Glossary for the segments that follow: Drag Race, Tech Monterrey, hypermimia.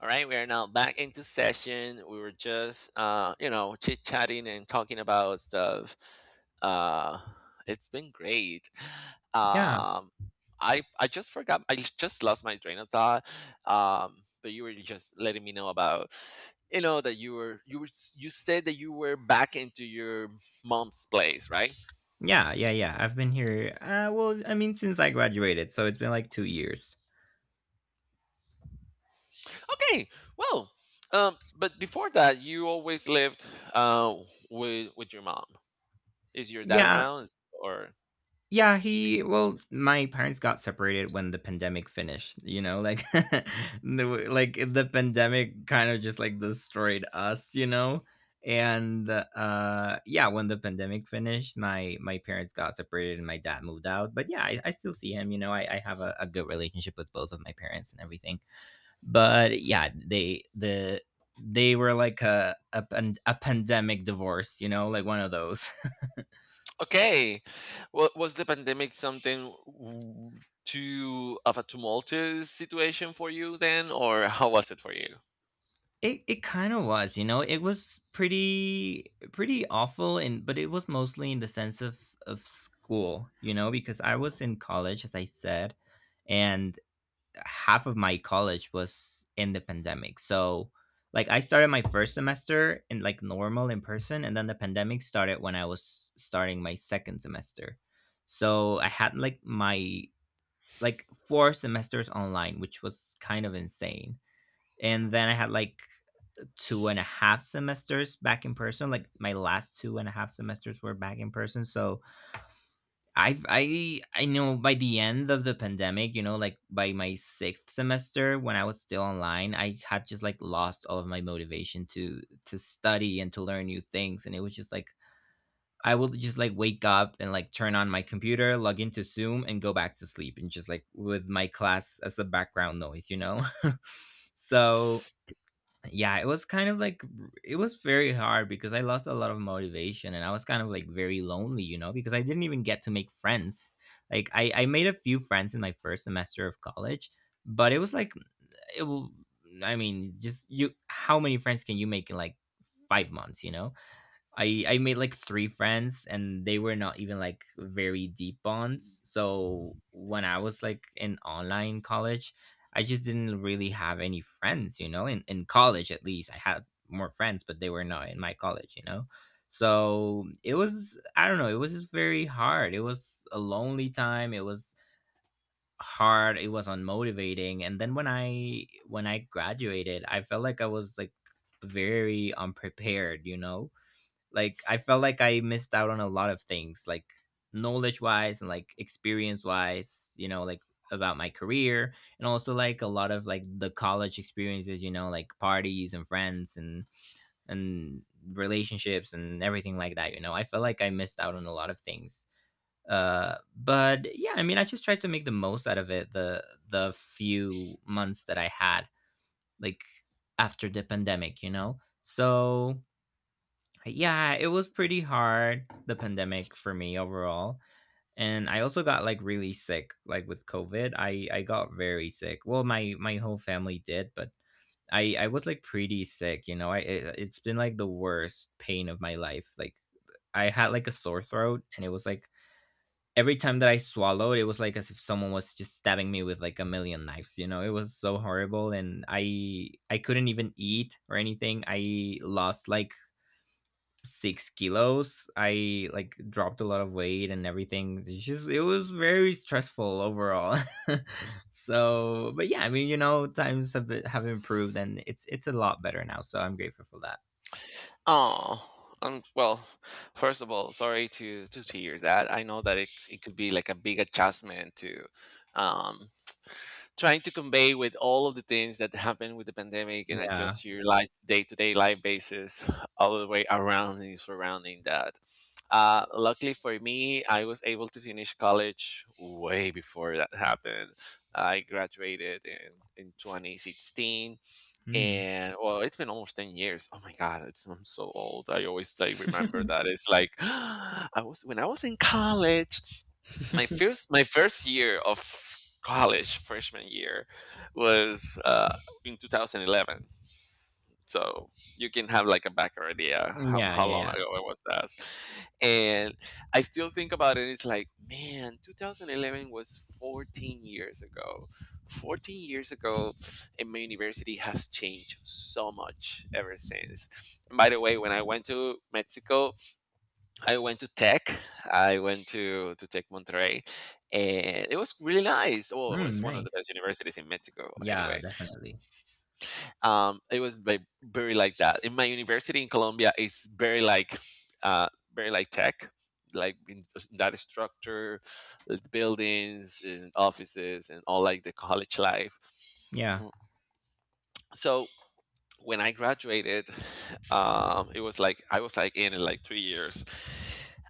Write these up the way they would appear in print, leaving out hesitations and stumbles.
All right, we are now back into session. We were just, chit chatting and talking about stuff. Uh, it's been great. Yeah. Um, I just forgot. I just lost my train of thought. But you were just letting me know about, that you said that you were back into your mom's place, right? Yeah, yeah, yeah. I've been here, well, I mean, since I graduated, so it's been, like, 2 years. Okay. Well, but before that, you always lived uh with your mom. Is your dad Yeah. around, Is- or? Yeah, he well, my parents got separated when the pandemic finished, you know, like, the w like, the pandemic kind of just, like, destroyed us, you know? And, yeah, when the pandemic finished, my parents got separated and my dad moved out, but, yeah, I still see him, you know? I have a good relationship with both of my parents and everything. But yeah, they the they were like a pandemic divorce, you know, like one of those. Okay. Well, was the pandemic too of a tumultuous situation for you then, or how was it for you? It kind of was, you know, it was pretty awful, and but it was mostly in the sense of school, you know, because I was in college, as I said, and half of my college was in the pandemic. So like I started my first semester in like normal in person, and then the pandemic started when I was starting my second semester. So I had like my like four semesters online, which was kind of insane. And then I had like two and a half semesters back in person. Like my last two and a half semesters were back in person. So I know by the end of the pandemic, you know, like by my sixth semester when I was still online, I had just like lost all of my motivation to study and to learn new things. And it was just like I would just like wake up and like turn on my computer, log into Zoom and go back to sleep and just like with my class as a background noise, you know? So yeah, it was kind of like it was very hard because I lost a lot of motivation, and I was kind of like very lonely, you know, because I didn't even get to make friends. Like I made a few friends in my first semester of college, but it was like it will I mean just you how many friends can you make in like 5 months, you know? I made like three friends, and they were not even like very deep bonds. So when I was like in online college, I just didn't really have any friends, you know, in college at least. I had more friends, but they were not in my college, you know. So it was, I don't know, it was just very hard. It was a lonely time. It was hard. It was unmotivating. And then when I graduated, I felt like I was like very unprepared, you know, like I felt like I missed out on a lot of things, like knowledge wise and like experience wise, you know, like about my career, and also like a lot of like the college experiences, you know, like parties and friends and relationships and everything like that, you know. I felt like I missed out on a lot of things. But yeah, I mean I just tried to make the most out of it the few months that I had like after the pandemic, you know. So yeah, it was pretty hard, the pandemic for me overall. And I also got like really sick, like with COVID. I got very sick. Well, my whole family did, but I was like pretty sick, you know. It's been like the worst pain of my life. Like I had like a sore throat, and it was like every time that I swallowed, it was like as if someone was just stabbing me with like a million knives, you know. It was so horrible, and I couldn't even eat or anything. I lost like 6 kilos. I like dropped a lot of weight and everything. It's just it was very stressful overall. So, but yeah, I mean, you know, times have improved, and it's a lot better now. So I'm grateful for that. Oh, well, first of all, sorry to hear that. I know that it could be like a big adjustment to um, trying to convey with all of the things that happened with the pandemic and Yeah. adjust your life day-to-day life basis all the way around and surrounding that. Luckily for me, I was able to finish college way before that happened. I graduated in 2016, Mm. and well, it's been almost 10 years. Oh my God, it's I'm so old. I always like remember that. It's like I was when I was in college, my first year of college, freshman year, was in 2011. So you can have like a back idea Yeah. Yeah. how long Yeah. ago it was that. And I still think about it. It's like, man, 2011 was 14 years ago. 14 years ago, and my university has changed so much ever since. And by the way, when I went to Mexico, I went to Tech. I went to Tech Monterrey. And it was really nice. Well, it Mm, was one of the nice. best universities in Mexico, Yeah. anyway. Definitely. It was like, very like that. In my university in Colombia, it's uh, very like tech, like in that structure, buildings and offices and all like the college life. Yeah. Mm. So when I graduated, it was like I was like in like 3 years.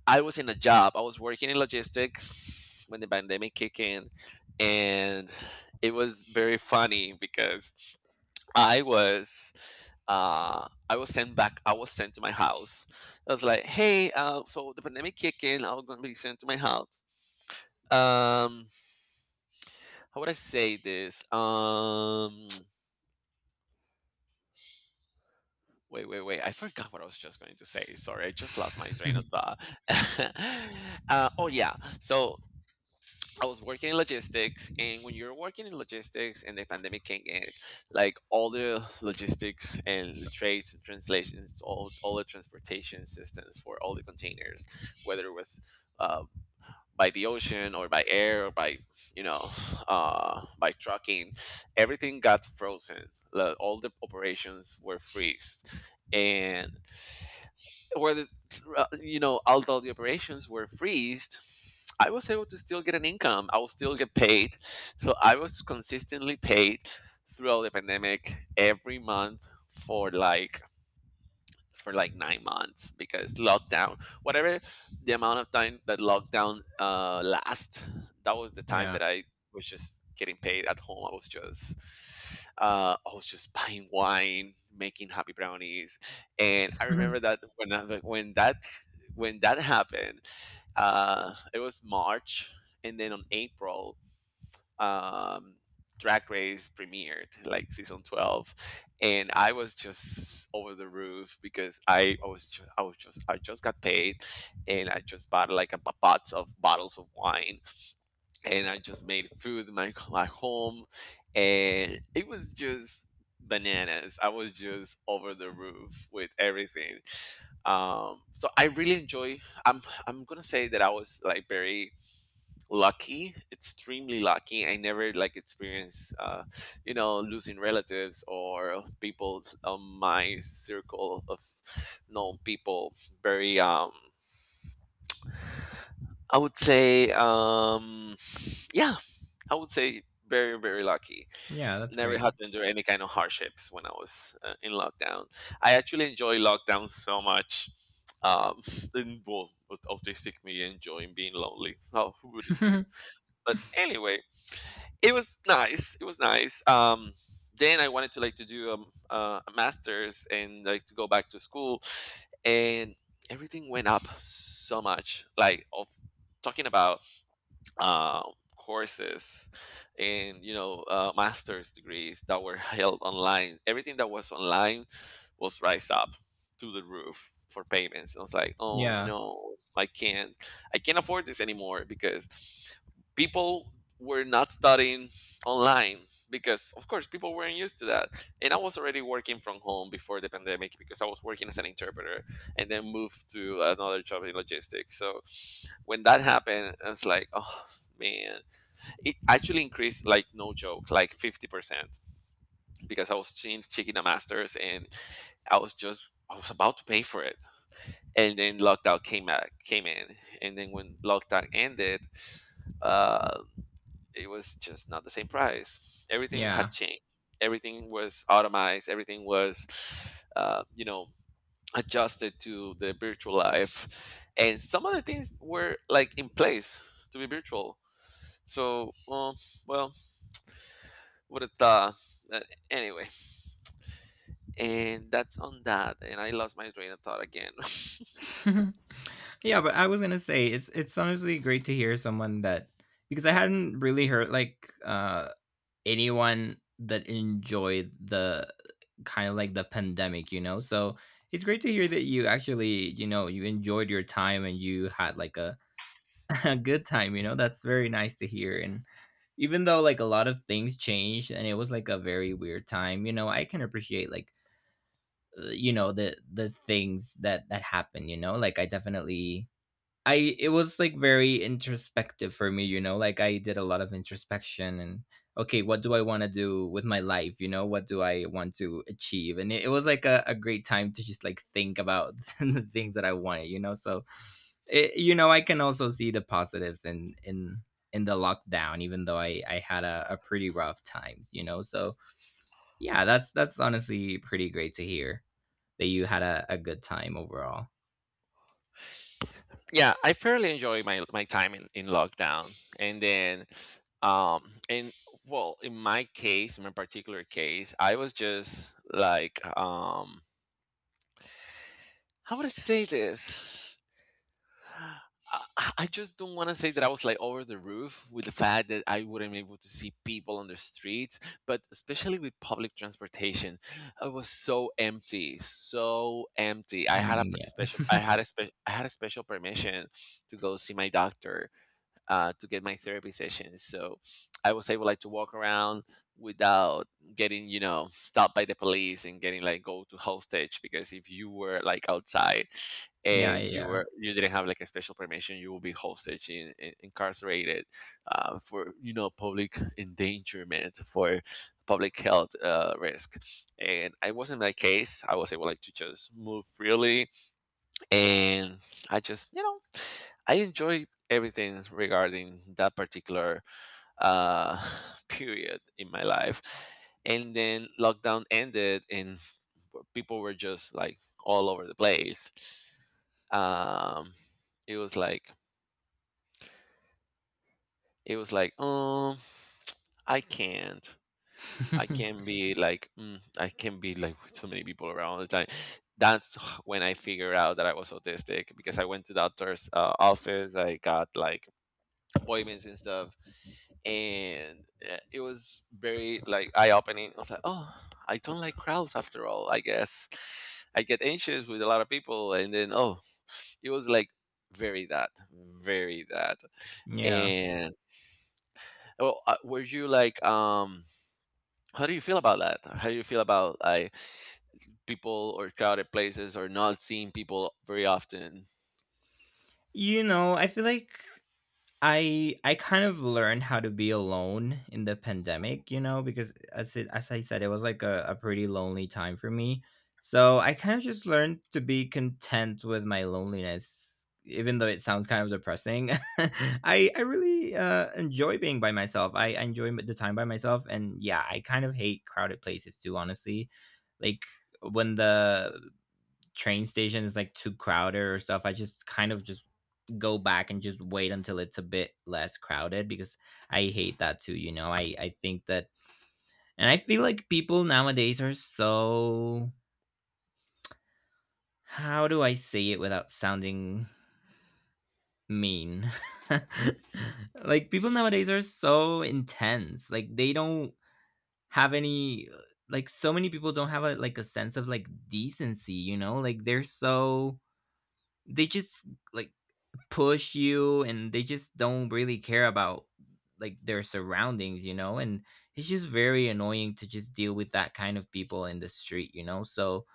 I was in a job. I was working in logistics when the pandemic kicked in, and it was very funny because I was I was sent back. I was sent to my house. I was like, hey, so the pandemic kicked in. I was gonna be sent to my house. Um, how would I say this? Wait. I forgot what I was just going to say. Sorry, I just lost my train of thought. Oh yeah. So I was working in logistics, and when you're working in logistics and the pandemic came in, like all the logistics and the trades and translations, all the transportation systems for all the containers, whether it was uh, by the ocean or by air or by, you know, by trucking, everything got frozen. Like, all the operations were freeze. And where the, you know although the operations were freezed, I was able to still get an income. I will still get paid. So I was consistently paid throughout the pandemic every month for like 9 months. Because lockdown, whatever the amount of time that lockdown lasts, that was the time Yeah. that I was just getting paid at home. I was just buying wine, making happy brownies, and I remember that when that when that happened, it was March, and then on April, um, Drag Race premiered, like season 12, and I was just over the roof because I just got paid, and I just bought like a box of bottles of wine, and I just made food in my home, and it was just bananas. I was just over the roof with everything. So I really enjoy. I'm I'm gonna say that I was like very lucky, extremely lucky. I never like experienced, you know, losing relatives or people on my circle of known people. Very I would say Yeah, I would say very, very lucky. Yeah. That's Never great. had to endure any kind of hardships when I was, in lockdown. I actually enjoy lockdown so much. um and, well, autistic me enjoying being lonely, how, who wouldn't you? But anyway, it was nice. It was nice. Then I wanted to like to do a master's and like to go back to school, and everything went up so much. Like of Talking about uh, courses and you know master's degrees that were held online. Everything that was online was rise up to the roof for payments. I was like, oh Yeah. no, I can't afford this anymore. Because people were not studying online, because of course people weren't used to that. And I was already working from home before the pandemic because I was working as an interpreter and then moved to another job in logistics. So when that happened, I was like, oh, man, it actually increased like no joke like 50%, because I was seeing taking the masters and I was about to pay for it, and then lockdown came in, and then when lockdown ended, uh, it was just not the same price. Everything had Yeah. changed. Everything was automized. Everything was, uh, you know adjusted to the virtual life, and some of the things were like in place to be virtual. So well What Uh, anyway, and that's on that. And I lost my train of thought again. Yeah, but I was gonna say, it's honestly great to hear someone that, because I hadn't really heard like anyone that enjoyed the kind of like the pandemic, you know. So it's great to hear that you actually, you know, you enjoyed your time and you had like a, a good time, you know. That's very nice to hear. And even though like a lot of things changed, and it was like a very weird time, you know, I can appreciate like you know, the things that happened, you know, like I definitely, I it was like very introspective for me, you know, like I did a lot of introspection, and okay, what do I want to do with my life? You know, what do I want to achieve? And it was like a great time to just like think about the things that I wanted, you know. So it, you know, I can also see the positives in the lockdown, even though I had a pretty rough time, you know. So yeah, that's honestly pretty great to hear that you had a good time overall. Yeah, I fairly enjoyed my time in lockdown. And then and Well, in my case, in my particular case, I was just like, how would I say this? I I just don't want to say that I was like over the roof with the fact that I wouldn't be able to see people on the streets, but especially with public transportation, it was so empty, so empty. I had a Mm, per- yeah. special, I had a special, I had a special permission to go see my doctor, to get my therapy session. So I was able like to walk around without getting, you know, stopped by the police and getting like go to hostage, because if you were like outside Yeah, and yeah. You didn't have like a special permission, you will be hostage incarcerated, for you know public endangerment, for public health risk. And I was in that case. I was able like to just move freely, and I just you know I enjoy everything regarding that particular uh, period in my life. And then lockdown ended, and people were just like all over the place. Um it was like it was like i can't I can't be like, mm, I can't be like with so many people around all the time. That's when I figured out that I was autistic, because I went to the doctor's office. I got like appointments and stuff. And it was very like eye-opening. I was like, oh, I don't like crowds after all, I guess. I get anxious with a lot of people. And then, oh, it was like very that. Yeah. And well, were you like, how do you feel about that? How do you feel about like people or crowded places or not seeing people very often? You know, I feel like I kind of learned how to be alone in the pandemic, you know, because as I said, it was like a pretty lonely time for me. So I kind of just learned to be content with my loneliness, even though it sounds kind of depressing. I really enjoy being by myself. I enjoy the time by myself, and yeah, I kind of hate crowded places too, honestly. Like when the train stations like too crowded or stuff, I just kind of just go back and just wait until it's a bit less crowded, because I hate that too, you know. I think that, and I feel like people nowadays are so, how do I say it without sounding mean? Like people nowadays are so intense. Like they don't have any, like, so many people don't have a, like, a sense of like decency, you know? Like they're so, they just like push you, and they just don't really care about like their surroundings, you know. And it's just very annoying to just deal with that kind of people in the street, you know. So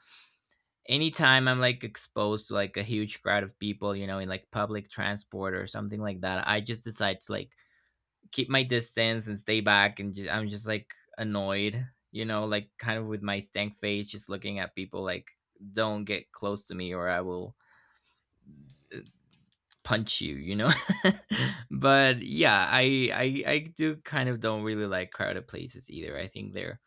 anytime I'm like exposed to like a huge crowd of people, you know, in like public transport or something like that, I just decide to like keep my distance and stay back, and just, I'm just like annoyed, you know, like kind of with my stank face just looking at people like, don't get close to me or I will punch you, you know? But yeah, I do kind of don't really like crowded places either. I think they're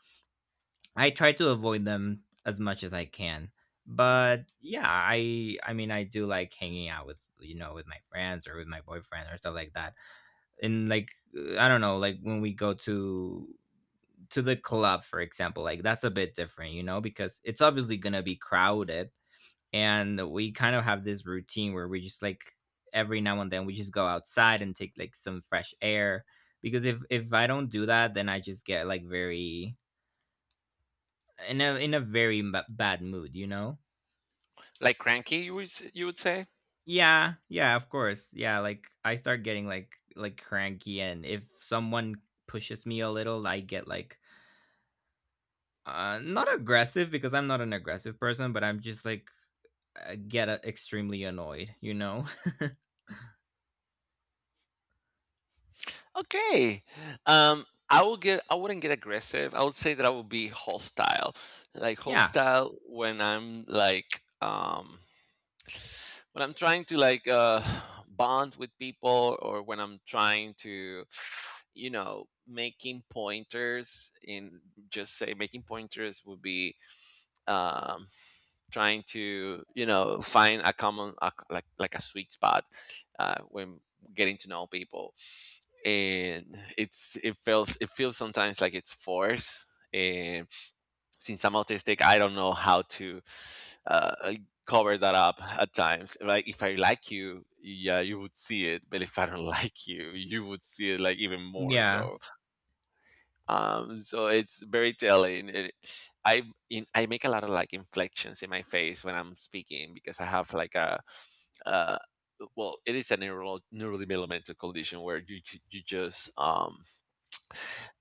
I try to avoid them as much as I can. But yeah, I mean I do like hanging out with, you know, with my friends or with my boyfriend or stuff like that. And like I don't know, like when we go to the club for example, like that's a bit different, you know, because it's obviously going to be crowded, and we kind of have this routine where we just like every now and then we just go outside and take like some fresh air, because if I don't do that then I just get like very in a very bad mood, you know? Like cranky, you would say? Yeah, yeah, of course. Yeah, like I start getting like cranky, and if someone pushes me a little, I get like not aggressive because I'm not an aggressive person, but I'm just like get extremely annoyed, you know? Okay. I will get. I wouldn't get aggressive. I would say that I would be hostile, like Yeah. hostile when I'm like, when I'm trying to like, bond with people, or when I'm trying to, you know, making pointers in, just say making pointers would be, um, trying to you know find a like a sweet spot when getting to know people, and it's, it feels, it feels sometimes like it's forced. Since I'm autistic, I don't know how to, uh, cover that up at times. Like if I like you, yeah, you would see it, but if I don't like you would see it like even more Yeah. so. So it's very telling. I I make a lot of like inflections in my face when I'm speaking, because I have like a uh, well, it is a neural neurodevelopmental condition where you just um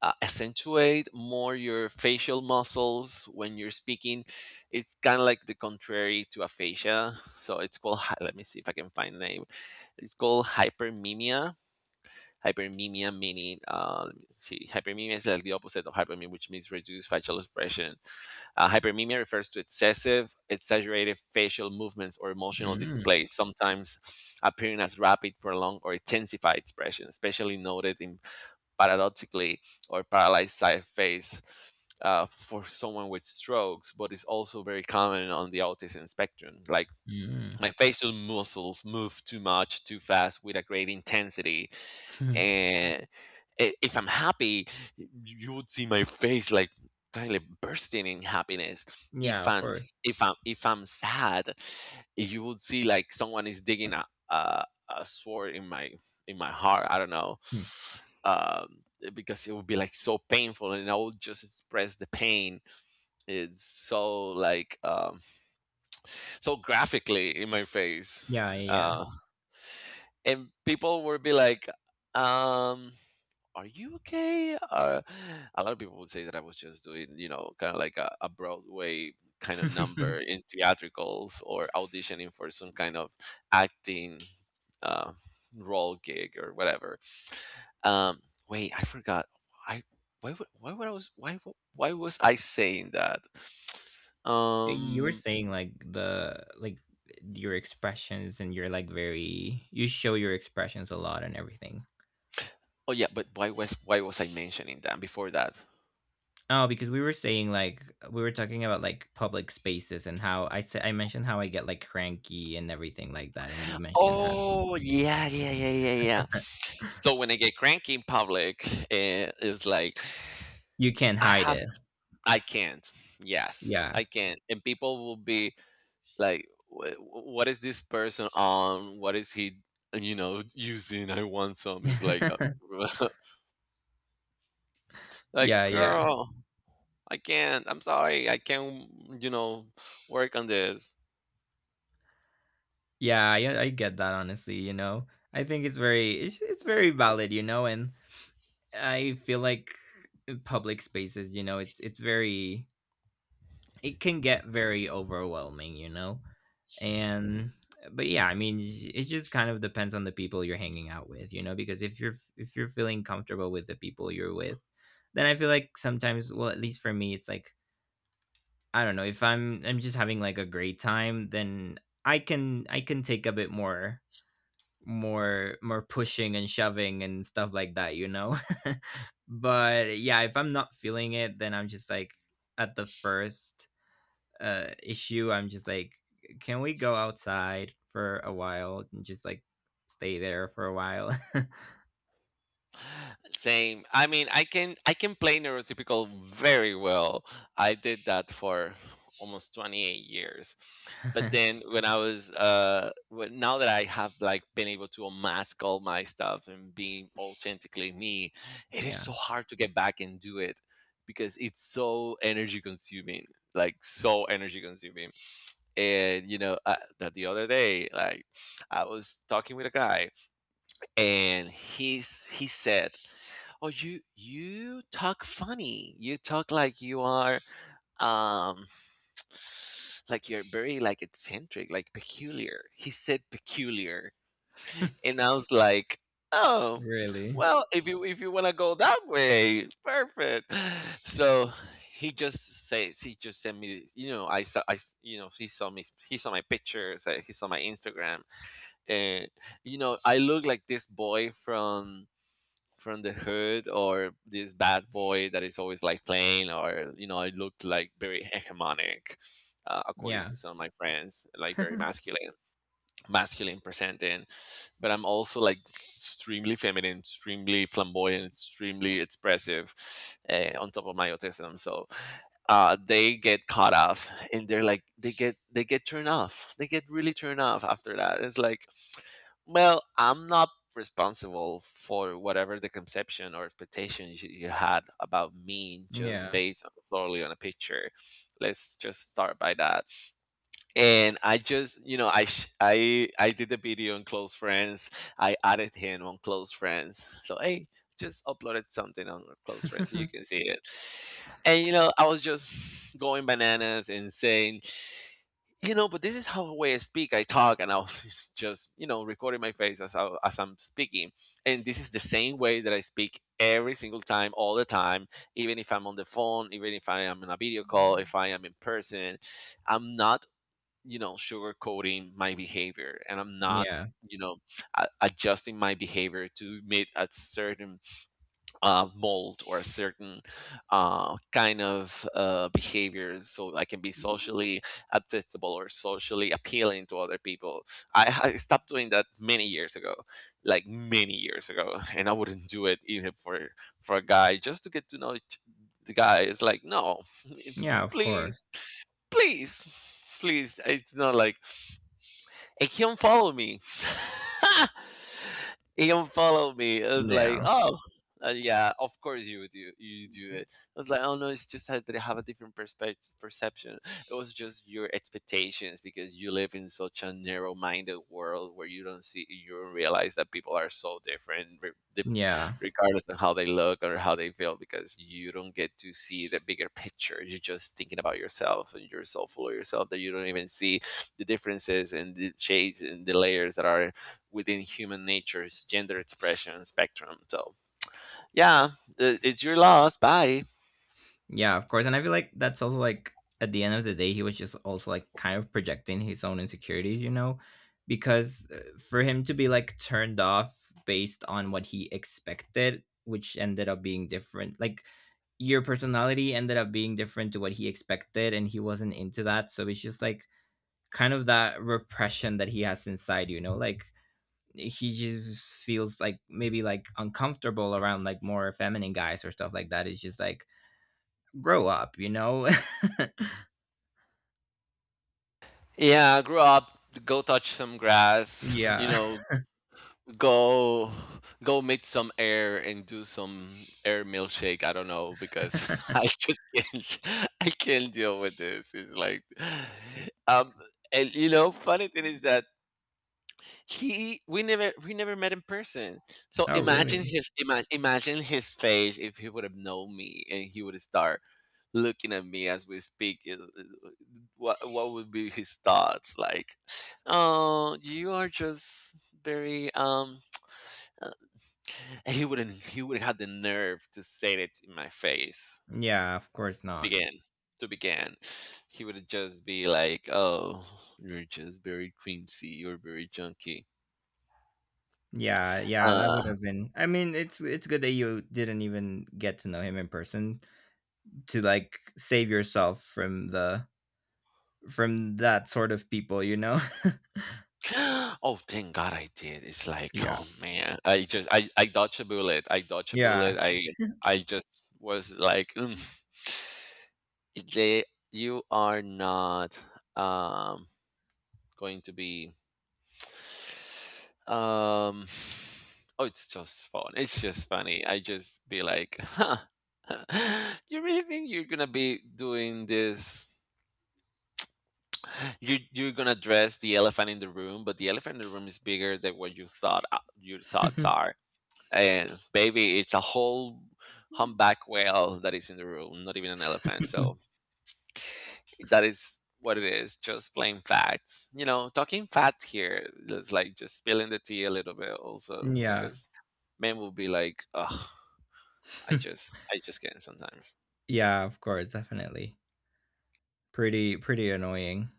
uh, accentuate more your facial muscles when you're speaking. It's kind of like the contrary to aphasia. So it's called, hy- let me see if I can find name. It's called hypermimia. Hypermimia meaning, let me see, hypermimia is like the opposite of hypermimia, which means reduced facial expression. Hypermimia refers to excessive, exaggerated facial movements or emotional Mm-hmm. displays, sometimes appearing as rapid, prolonged, or intensified expression, especially noted in paradoxically or paralyzed side face, for someone with strokes, but it's also very common on the autism spectrum. Like Mm-hmm. my facial muscles move too much, too fast, with a great intensity, Mhm. and if I'm happy, you would see my face like kind of bursting in happiness. Yeah, If of I'm course. s- if I'm sad, you would see like someone is digging a a sword in my heart. I don't know, Hmm. um, because it would be like so painful, and I would just express the pain. It's so like so graphically in my face, Yeah, yeah, and people would be like, um are you okay? A lot of people would say that I was just doing, you know, kind of like a Broadway kind of yeah. number in theatricals or auditioning for some kind of acting, uh, role gig or whatever. Um, Wait, I forgot. I why would I was why w- why was I saying that? You were Um, saying like the like your expressions, and you're like very, you show your expressions a lot and everything. oh yeah, but why was I mentioning that before that? Oh, because we were saying like we were talking about like public spaces, and how I mentioned how I get like cranky and everything like that, and you mentioned how Oh yeah, yeah, yeah, yeah, yeah. So when I get cranky in public, it's like you can't I hide have it. I can't. Yes, Yeah. I can't. And people will be like, "Wh- What is this person on? What is he, you know, using? I want some." It's like, like, Yeah, yeah. girl, I can't. I'm sorry, I can't. You know, work on this. Yeah, I get that honestly, you know. I think it's very valid, you know, and I feel like public spaces, you know, it can get very overwhelming, you know. And but yeah, I mean, it just kind of depends on the people you're hanging out with, you know, because if you're feeling comfortable with the people you're with, then I feel like sometimes, well, at least for me, it's like I don't know, if I'm just having like a great time, then I can take a bit more pushing and shoving and stuff like that, you know? But yeah, if I'm not feeling it, then I'm just like at the first issue, I'm just like, can we go outside for a while and just like stay there for a while? Same. I mean, I can play neurotypical very well. I did that for almost 28 years. But then when now that I have like been able to unmask all my stuff and be authentically me, it is Yeah. so hard to get back and do it because it's so energy consuming. Like so energy consuming. And you know, that the other day like I was talking with a guy and he said, oh, you talk funny, you talk like you are, um like you're very like eccentric, like peculiar, he said peculiar. And I was like, oh, Really? well, if you want to go that way, perfect. So he just sent me, you know, I saw I s- you know, he saw me, he saw my pictures, he saw my Instagram. And you know, I look like this boy from the hood, or this bad boy that is always like playing, or you know, it looked like very hegemonic, according Yeah. to some of my friends, like very masculine, masculine presenting. But I'm also like extremely feminine, extremely flamboyant, extremely expressive, on top of my autism. So they get caught off and they're like they get turned off, they get really turned off after that. It's like, well, I'm not responsible for whatever the conception or expectations you had about me, just Yeah. based on, solely on a picture. Let's just start by that. And I just, you know, I sh- I did the video on close friends. I added him on close friends. So hey, just uploaded something on close friends so you can see it. And you know, I was just going bananas and saying, you know, but this is how way I speak, I talk, and I'll just, you know, recording my face as, as I'm speaking. And this is the same way that I speak every single time, all the time, even if I'm on the phone, even if I am in a video call, if I am in person. I'm not, you know, sugarcoating my behavior, and I'm not, Yeah. you know, adjusting my behavior to meet a certain, mold, or a certain, kind of, behavior so I can be socially acceptable or socially appealing to other people. I stopped doing that many years ago, like many years ago, and I wouldn't do it even for a guy just to get to know the guy. It's like, no, Yeah, of please, course. please, please. It's not like it he unfollowed me. He unfollowed me. I was like, Yeah. oh, yeah, of course you would do you do it. I was like, oh no, it's just that they have a different perspective perception. It was just your expectations because you live in such a narrow-minded world where you don't realize that people are so different, Yeah. regardless of how they look or how they feel, because you don't get to see the bigger picture. You're just thinking about yourself, and you're so full of yourself that you don't even see the differences and the shades and the layers that are within human nature's gender expression spectrum. So, yeah, it's your loss. Bye. Yeah, of course. And I feel like that's also like at the end of the day, he was just also like kind of projecting his own insecurities, you know, because for him to be like turned off based on what he expected, which ended up being different, like your personality ended up being different to what he expected, and he wasn't into that. So it's just like kind of that repression that he has inside, you know, like he just feels like maybe like uncomfortable around like more feminine guys or stuff like that. It's just like grow up, you know? Yeah, grow up, go touch some grass, you Yeah. know, go meet some air and do some air milkshake. I don't know because I just can't I can't deal with this. It's like, um and you know, funny thing is that He we never met in person. So Oh, imagine really? his imagine his face if he would have known me and he would start looking at me as we speak. What would be his thoughts like? Oh, you are just very uh," And he wouldn't have the nerve to say it in my face Yeah, of course to not. begin to begin. He would just be like, "Oh, you're just very creamsy. You're very junky." Yeah, yeah, that Uh, would have been. I mean, it's good that you didn't even get to know him in person to like save yourself from the from that sort of people, you know? Oh, thank God I did. It's like, Yeah. oh man, I I dodged a bullet. I dodged a bullet. Yeah. I just was like, mm, they you are not, um going to be, um oh, it's just fun. It's just funny. I just be like, huh. You really think you're gonna be doing this, you're gonna address the elephant in the room, but the elephant in the room is bigger than what you thought, your thoughts are. And baby, it's a whole humpback whale that is in the room, not even an elephant. So that is what it is. Just plain facts. You know, talking facts here. It's like just spilling the tea a little bit, also Yeah. because men will be like, "Ugh, I just can't sometimes." Yeah, of course, definitely. Pretty annoying.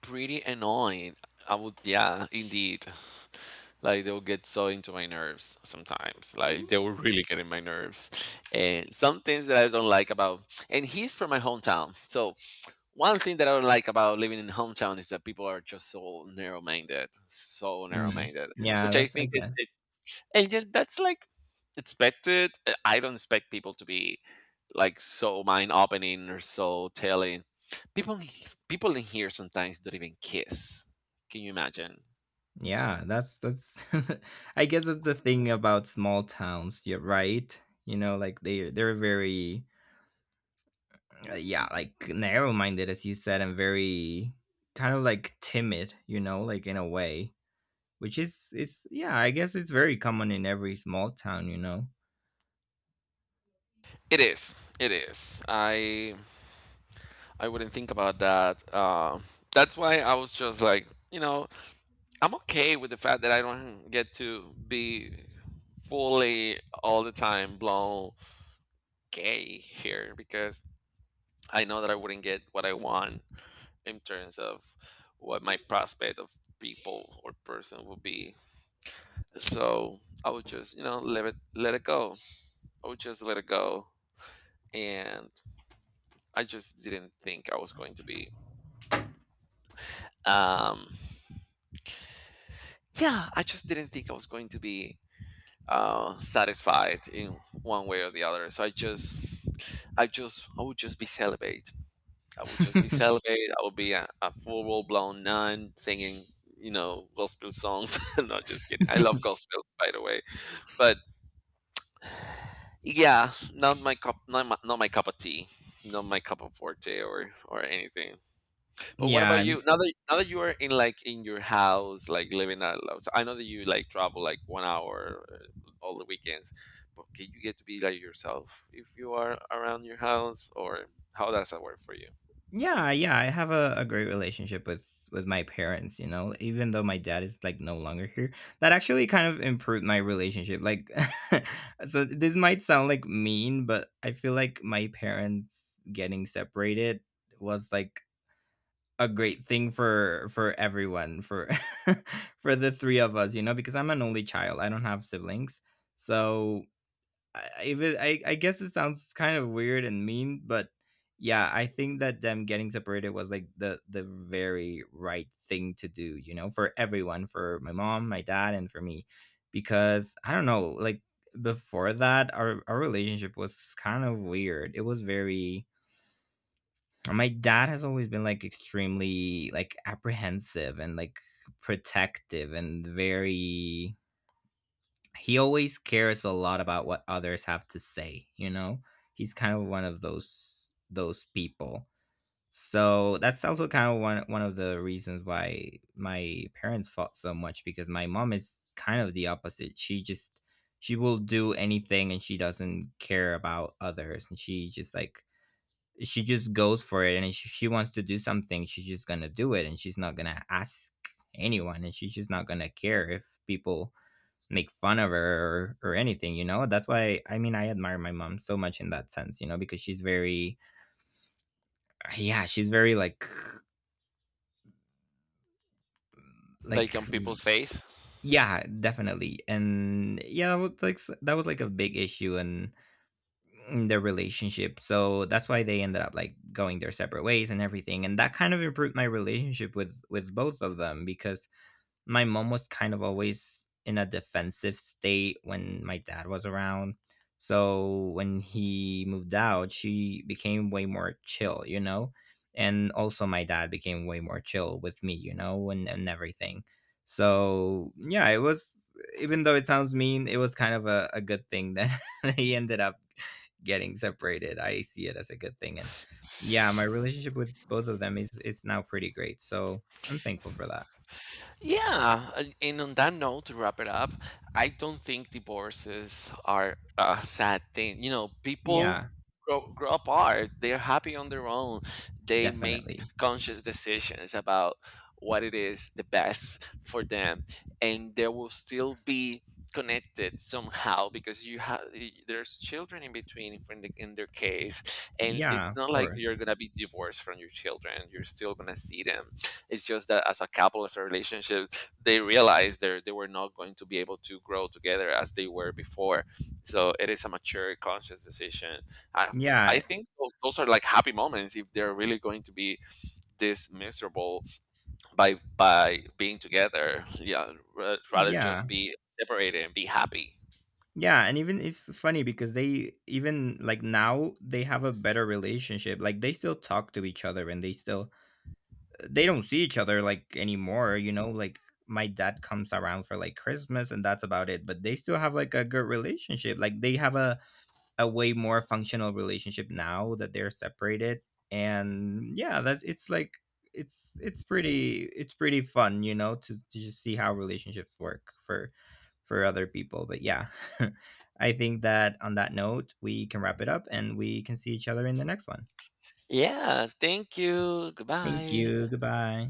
Pretty annoying. I would, yeah, indeed. Like they'll get so into my nerves sometimes. Like they will really get in my nerves. And some things that I don't like about, and he's from my hometown. So one thing that I don't like about living in hometown is that people are just so narrow minded. So narrow Mm. minded. Yeah, Which I that's I think is it, guess. and yet that's like expected. I don't expect people to be like so mind opening or so telling. People in- People in here sometimes don't even kiss. Can you imagine? Yeah, that's I guess that's the thing about small towns, you're right. You know, like they're very yeah, like narrow-minded as you said and very kind of like timid, you know, like in a way, which is it's yeah, I guess it's very common in every small town, you know. It is. It is. I wouldn't think about that. That's why I was just like, you know, I'm okay with the fact that I don't get to be fully all the time blown gay here, because I know that I wouldn't get what I want in terms of what my prospect of people or person would be. So I would just, you know, let it go. I would just let it go, and I just didn't think I was going to be, um, yeah, I just didn't think I was going to be, satisfied in one way or the other. So I would just be celibate. I would just be celibate. I would be a full blown nun singing, you know, gospel songs. No, just kidding. I love gospel, by the way. But yeah, not my cup, not my cup of tea, not my cup of forte or anything. But what Yeah, about I. you? Now that now that you are in like in your house, like living out loud. So I know that you like travel like 1 hour, all the weekends, but can you get to be like yourself if you are around your house, or how does that work for you? Yeah, yeah, I have a great relationship with my parents, you know, even though my dad is like no longer here. That actually kind of improved my relationship. Like so this might sound like mean, but I feel like my parents getting separated was like a great thing for everyone, for for the three of us, you know, because I'm an only child. I don't have siblings. So I, if it, I guess it sounds kind of weird and mean, but yeah, I think that them getting separated was like the very right thing to do, you know, for everyone, for my mom, my dad, and for me, because I don't know, like before that, our relationship was kind of weird. It was very. My dad has always been like extremely like apprehensive and like protective and very he always cares a lot about what others have to say, you know, he's kind of one of those people. So that's also kind of one of the reasons why my parents fought so much, because my mom is kind of the opposite. She just she will do anything and she doesn't care about others and she just like she just goes for it, and if she wants to do something she's just gonna do it, and she's not gonna ask anyone, and she's just not gonna care if people make fun of her, or anything, you know? That's why, I mean, I admire my mom so much in that sense, you know, because she's very yeah, she's very Like like on people's face? yeah, definitely. And yeah, that was like that was like a big issue in their relationship. So that's why they ended up like going their separate ways and everything. And that kind of improved my relationship with both of them because my mom was kind of always in a defensive state when my dad was around. So when he moved out, she became way more chill, you know? And also my dad became way more chill with me, you know, and everything. So yeah, it was even though it sounds mean, it was kind of a good thing that he ended up getting separated. I see it as a good thing. And yeah, my relationship with both of them is now pretty great. So I'm thankful for that. Yeah, and on that note, to wrap it up, I don't think divorces are a sad thing. You know, people Yeah. grow, grow apart, they're happy on their own, they make Definitely. conscious decisions about what it is the best for them, and they will still be connected somehow because you have there's children in between in their case, and Yeah, it's of not like course. you're gonna be divorced from your children, you're still gonna see them. It's just that as a couple, as a relationship, they realized they were not going to be able to grow together as they were before. So it is a mature, conscious decision. I I Yeah. think those are like happy moments if they're really going to be this miserable by being together. Yeah, rather just Yeah. be separated and be happy. Yeah, and even it's funny because they even like now they have a better relationship. Like they still talk to each other and they still they don't see each other like anymore, you know, like my dad comes around for like Christmas and that's about it, but they still have like a good relationship. Like they have a way more functional relationship now that they're separated, and yeah that's it's like it's pretty fun, you know, to just see how relationships work for other people, but yeah I think that on that note we can wrap it up and we can see each other in the next one. Yeah. Thank you. Thank Goodbye. you. Goodbye.